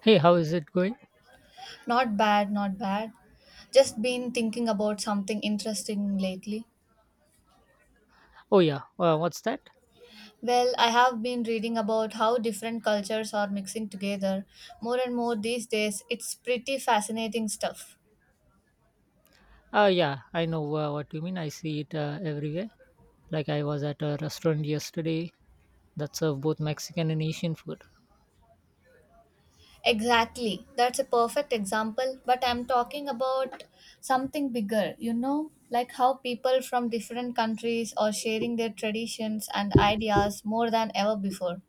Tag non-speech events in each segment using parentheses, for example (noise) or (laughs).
Hey, how is it going? Not bad, not bad. Just been thinking about something interesting lately. Oh, yeah. What's that? Well, I have been reading about how different cultures are mixing together more and more these days. It's pretty fascinating stuff. Yeah, I know what you mean. I see it everywhere. Like, I was at a restaurant yesterday that served both Mexican and Asian food. Exactly. That's a perfect example, but I'm talking about something bigger, you know, like how people from different countries are sharing their traditions and ideas more than ever before.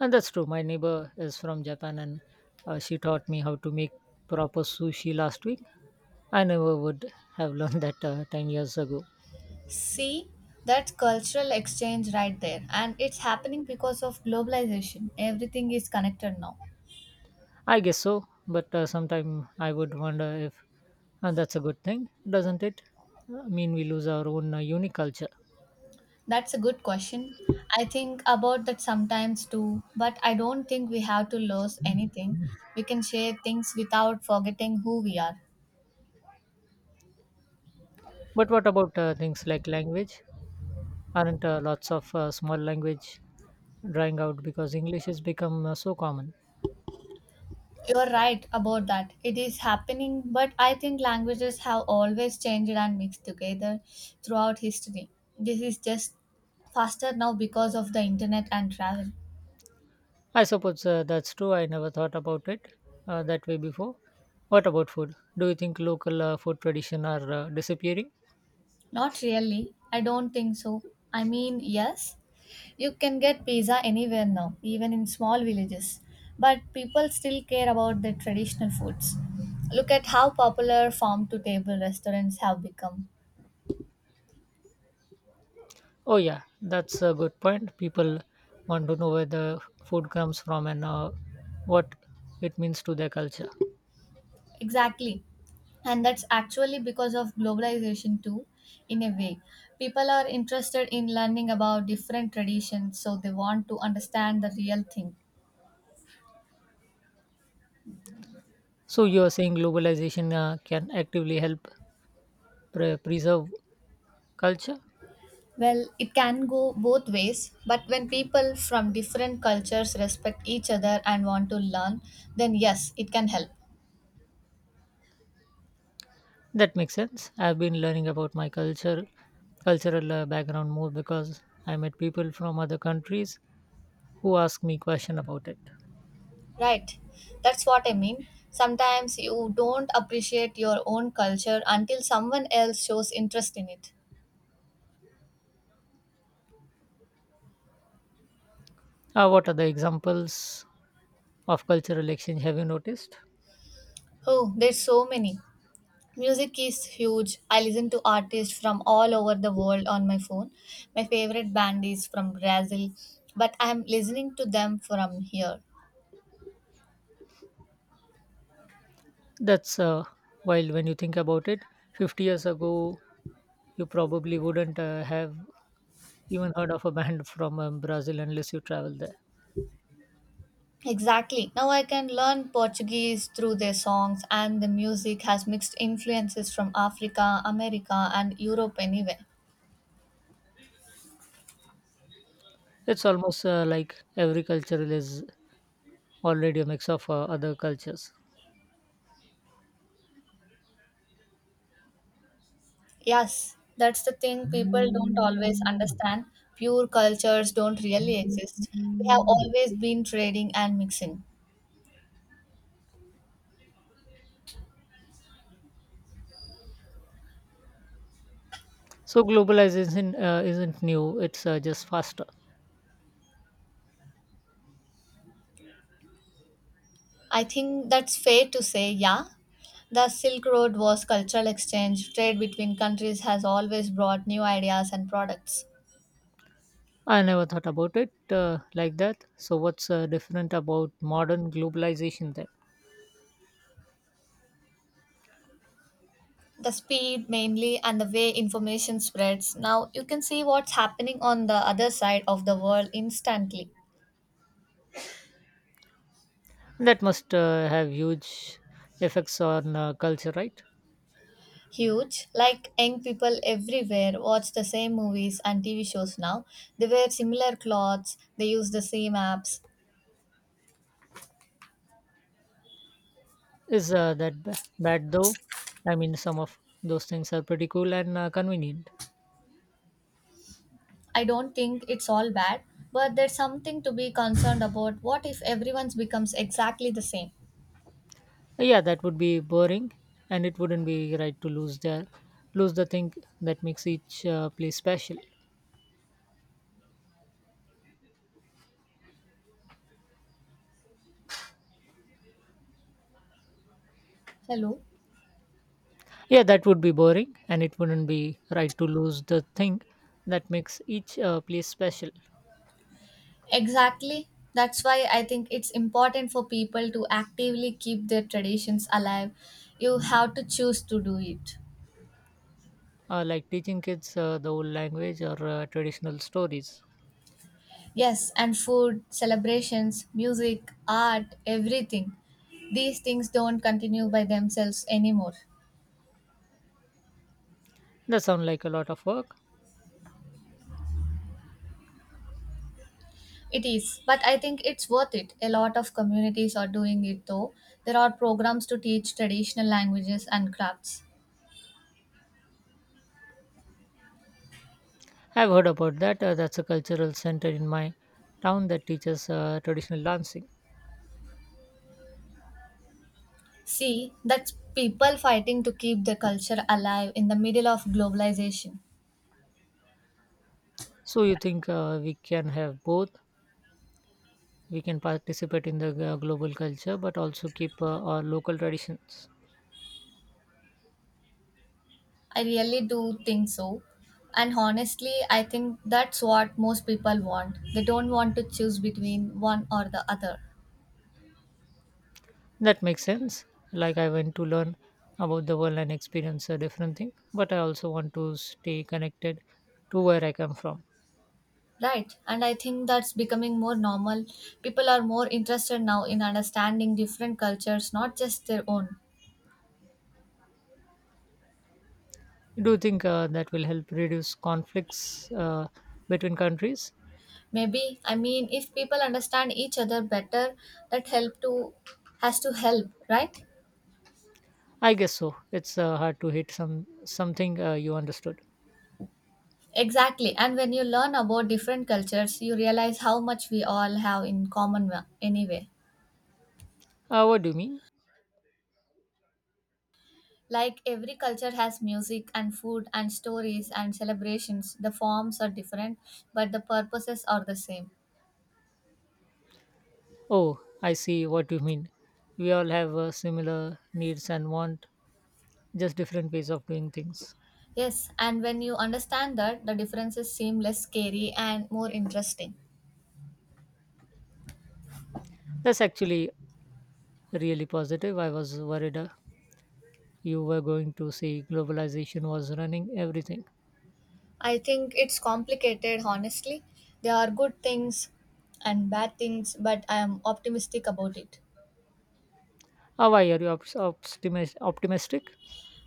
And that's true. My neighbor is from Japan and she taught me how to make proper sushi last week. I never would have (laughs) learned that 10 years ago. See, that's cultural exchange right there. And it's happening because of globalization. Everything is connected now. I guess so, but sometime I would wonder if that's a good thing, doesn't it? I mean, we lose our own unique culture. That's a good question. I think about that sometimes too, but I don't think we have to lose anything. We can share things without forgetting who we are. But what about things like language? Aren't lots of small language drying out because english has become so common. You're right about that. It is happening, but I think languages have always changed and mixed together throughout history. This is just faster now because of the internet and travel. I suppose that's true. I never thought about it that way before. What about food? Do you think local food tradition are disappearing? Not really. I don't think so. I mean, yes, you can get pizza anywhere now, even in small villages. But people still care about their traditional foods. Look at how popular farm to table restaurants have become. Oh, yeah, that's a good point. People want to know where the food comes from and what it means to their culture. Exactly. And that's actually because of globalization, too, in a way. People are interested in learning about different traditions, so they want to understand the real thing. So you are saying globalization can actively help preserve culture? Well, it can go both ways, but when people from different cultures respect each other and want to learn, then yes, it can help. That makes sense. I've been learning about my cultural background more because I met people from other countries who ask me question about it. Right? That's what I mean. Sometimes you don't appreciate your own culture until someone else shows interest in it. What are the examples of cultural exchange have you noticed? Oh, there's so many. Music is huge. I listen to artists from all over the world on my phone. My favorite band is from Brazil, but I'm listening to them from here. That's wild when you think about it, 50 years ago, you probably wouldn't have even heard of a (laughs) band from Brazil unless you travel there. Exactly. Now I can learn Portuguese through their songs, and the music has mixed influences from Africa, America, and Europe, anyway. It's almost like every culture is already a mix of other cultures. Yes, that's the thing people don't always understand. Pure cultures don't really exist. We have always been trading and mixing. So globalization isn't new; it's just faster. I think that's fair to say, yeah. The Silk Road was cultural exchange. Trade between countries has always brought new ideas and products. I never thought about it like that. So what's different about modern globalization then? The speed mainly, and the way information spreads. Now you can see what's happening on the other side of the world instantly. That must have huge effects on culture, right? Huge, like young people everywhere watch the same movies and TV shows now. They wear similar clothes, they use the same apps. Is that bad though? I mean, some of those things are pretty cool and convenient. I don't think it's all bad, but there's something to be concerned about. What if everyone's becomes exactly the same? Yeah, that would be boring, and it wouldn't be right to lose the thing that makes each place special. Hello? Yeah, that would be boring, and it wouldn't be right to lose the thing that makes each place special, Exactly. That's why I think it's important for people to actively keep their traditions alive. You have to choose to do it. Like teaching kids the old language or traditional stories. Yes, and food, celebrations, music, art, everything. These things don't continue by themselves anymore. That sounds like a lot of work. It is, but I think it's worth it. A lot of communities are doing it though. There are programs to teach traditional languages and crafts. I've heard about that. That's a cultural center in my town that teaches traditional dancing. See, that's people fighting to keep their culture alive in the middle of globalization. So you think we can have both? We can participate in the global culture, but also keep our local traditions. I really do think so. And honestly, I think that's what most people want. They don't want to choose between one or the other. That makes sense. Like I want to learn about the world and experience a different thing, but I also want to stay connected to where I come from. Right. And I think that's becoming more normal. People are more interested now in understanding different cultures, not just their own. Do you think that will help reduce conflicts between countries? Maybe, I mean, if people understand each other better, that help to has to help, right? I guess so. It's hard to hit something you understood. Exactly. And when you learn about different cultures, you realize how much we all have in common anyway. What do you mean? Like every culture has music and food and stories and celebrations. The forms are different, but the purposes are the same. Oh, I see what you mean. We all have similar needs and want just different ways of doing things. Yes, and when you understand that, the differences seem less scary and more interesting. That's actually really positive. I was worried you were going to see globalization was running everything. I think it's complicated, honestly. There are good things and bad things, but I am optimistic about it. Ah, why are you optimistic?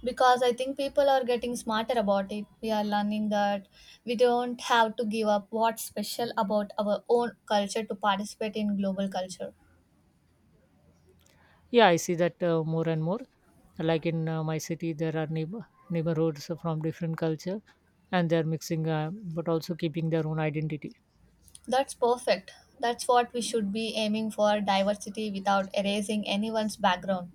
Because I think people are getting smarter about it. We are learning that we don't have to give up what's special about our own culture to participate in global culture. Yeah, I see that more and more. Like in my city, there are neighborhoods from different culture, and they're mixing, but also keeping their own identity. That's perfect. That's what we should be aiming for, diversity without erasing anyone's background.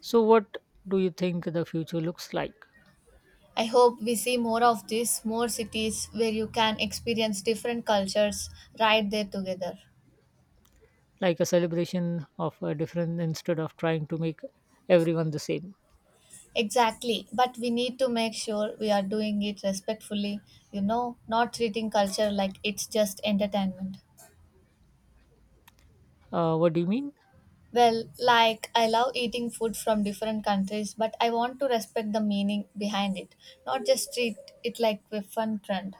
So, what do you think the future looks like? I hope we see more of this, more cities where you can experience different cultures right there together. Like a celebration of a different instead of trying to make everyone the same. Exactly, but we need to make sure we are doing it respectfully, you know, not treating culture like it's just entertainment. What do you mean? Well, like I love eating food from different countries, but I want to respect the meaning behind it, not just treat it like a fun trend.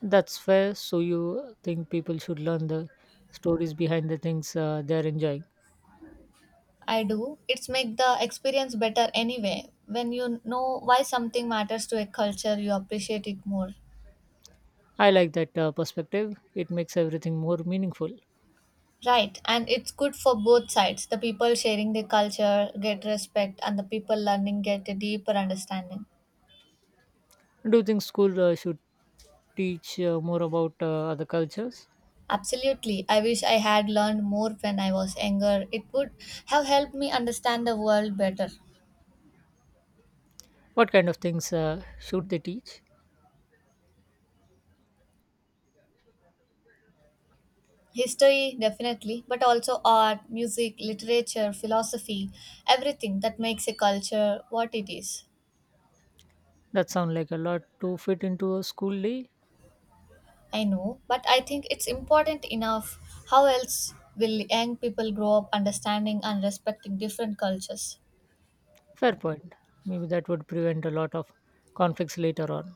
That's fair. So you think people should learn the stories behind the things they're enjoying. I do. It's make the experience better anyway. When you know why something matters to a culture, you appreciate it more. I like that perspective. It makes everything more meaningful. Right, and it's good for both sides. The people sharing their culture get respect, and the people learning get a deeper understanding. Do you think school should teach more about other cultures? Absolutely. I wish I had learned more when I was younger. It would have helped me understand the world better. What kind of things should they teach? History, definitely, but also art, music, literature, philosophy, everything that makes a culture what it is. That sounds like a lot to fit into a school day. I know, but I think it's important enough. How else will young people grow up understanding and respecting different cultures? Fair point. Maybe that would prevent a lot of conflicts later on.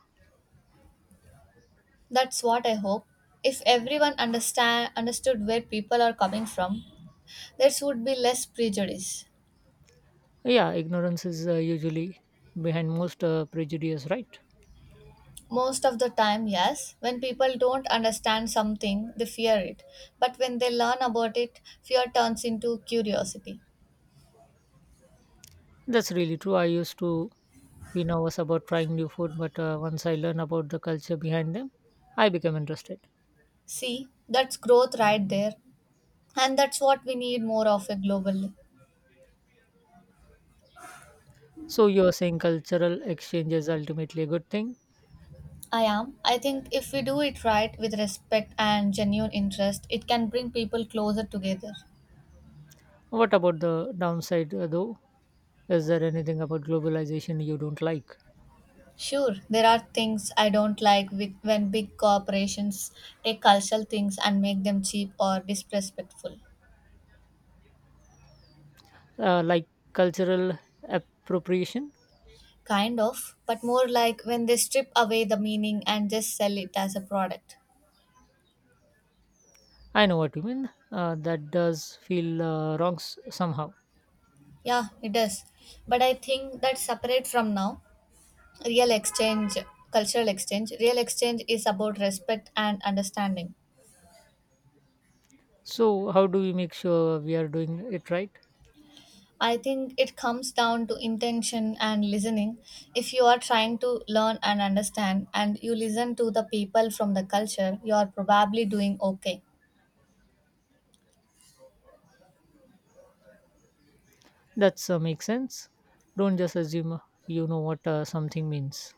That's what I hope. If everyone understand understood where people are coming from, there would be less prejudice. Yeah, ignorance is usually behind most prejudice, right? Most of the time, yes, when people don't understand something, they fear it. But when they learn about it, fear turns into curiosity. That's really true. I used to be nervous about trying new food, but once I learned about the culture behind them, I became interested. See, that's growth right there. And that's what we need more of a globally. So you're saying cultural exchange is ultimately a good thing. I am. I think if we do it right with respect and genuine interest, it can bring people closer together. What about the downside, though? Is there anything about globalization you don't Sure, there are things I don't like with when big corporations take cultural things and make them cheap or disrespectful. Like cultural appropriation? Kind of, but more like when they strip away the meaning and just sell it as a product. I know what you mean. That does feel wrong somehow. Yeah, it does. But I think that separate from now, real exchange, cultural exchange, real exchange is about respect and understanding. So how do we make sure we are doing it right? I think it comes down to intention and listening. If you are trying to learn and understand, and you listen to the people from the culture, you are probably doing okay. That's makes sense. Don't just assume you know what something means.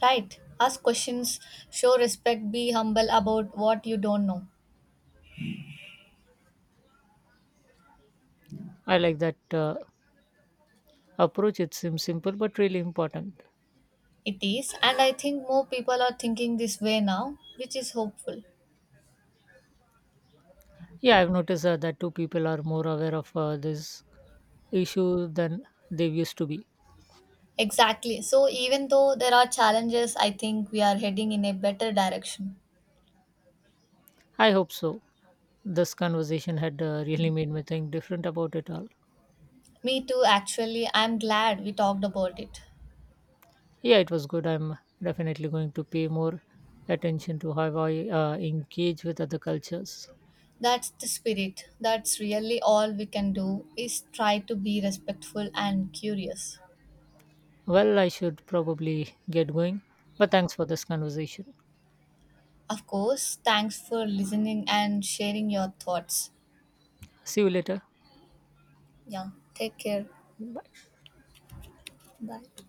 Right? Ask questions, show respect, be humble about what you don't know. I like that approach. It seems simple but really important. It is, and I think more people are thinking this way now, which is hopeful. Yeah, I've noticed that two people are more aware of this issue than they used to be. Exactly. So, even though there are challenges, I think we are heading in a better direction. I hope so. This conversation had really made me think different about it all. Me too, actually. I'm glad we talked about it. Yeah, it was good. I'm definitely going to pay more attention to how I engage with other cultures. That's the spirit. That's really all we can do is try to be respectful and curious. Well, I should probably get going, but thanks for this conversation. Of course, thanks for listening and sharing your thoughts. See you later. Yeah, take care. Bye.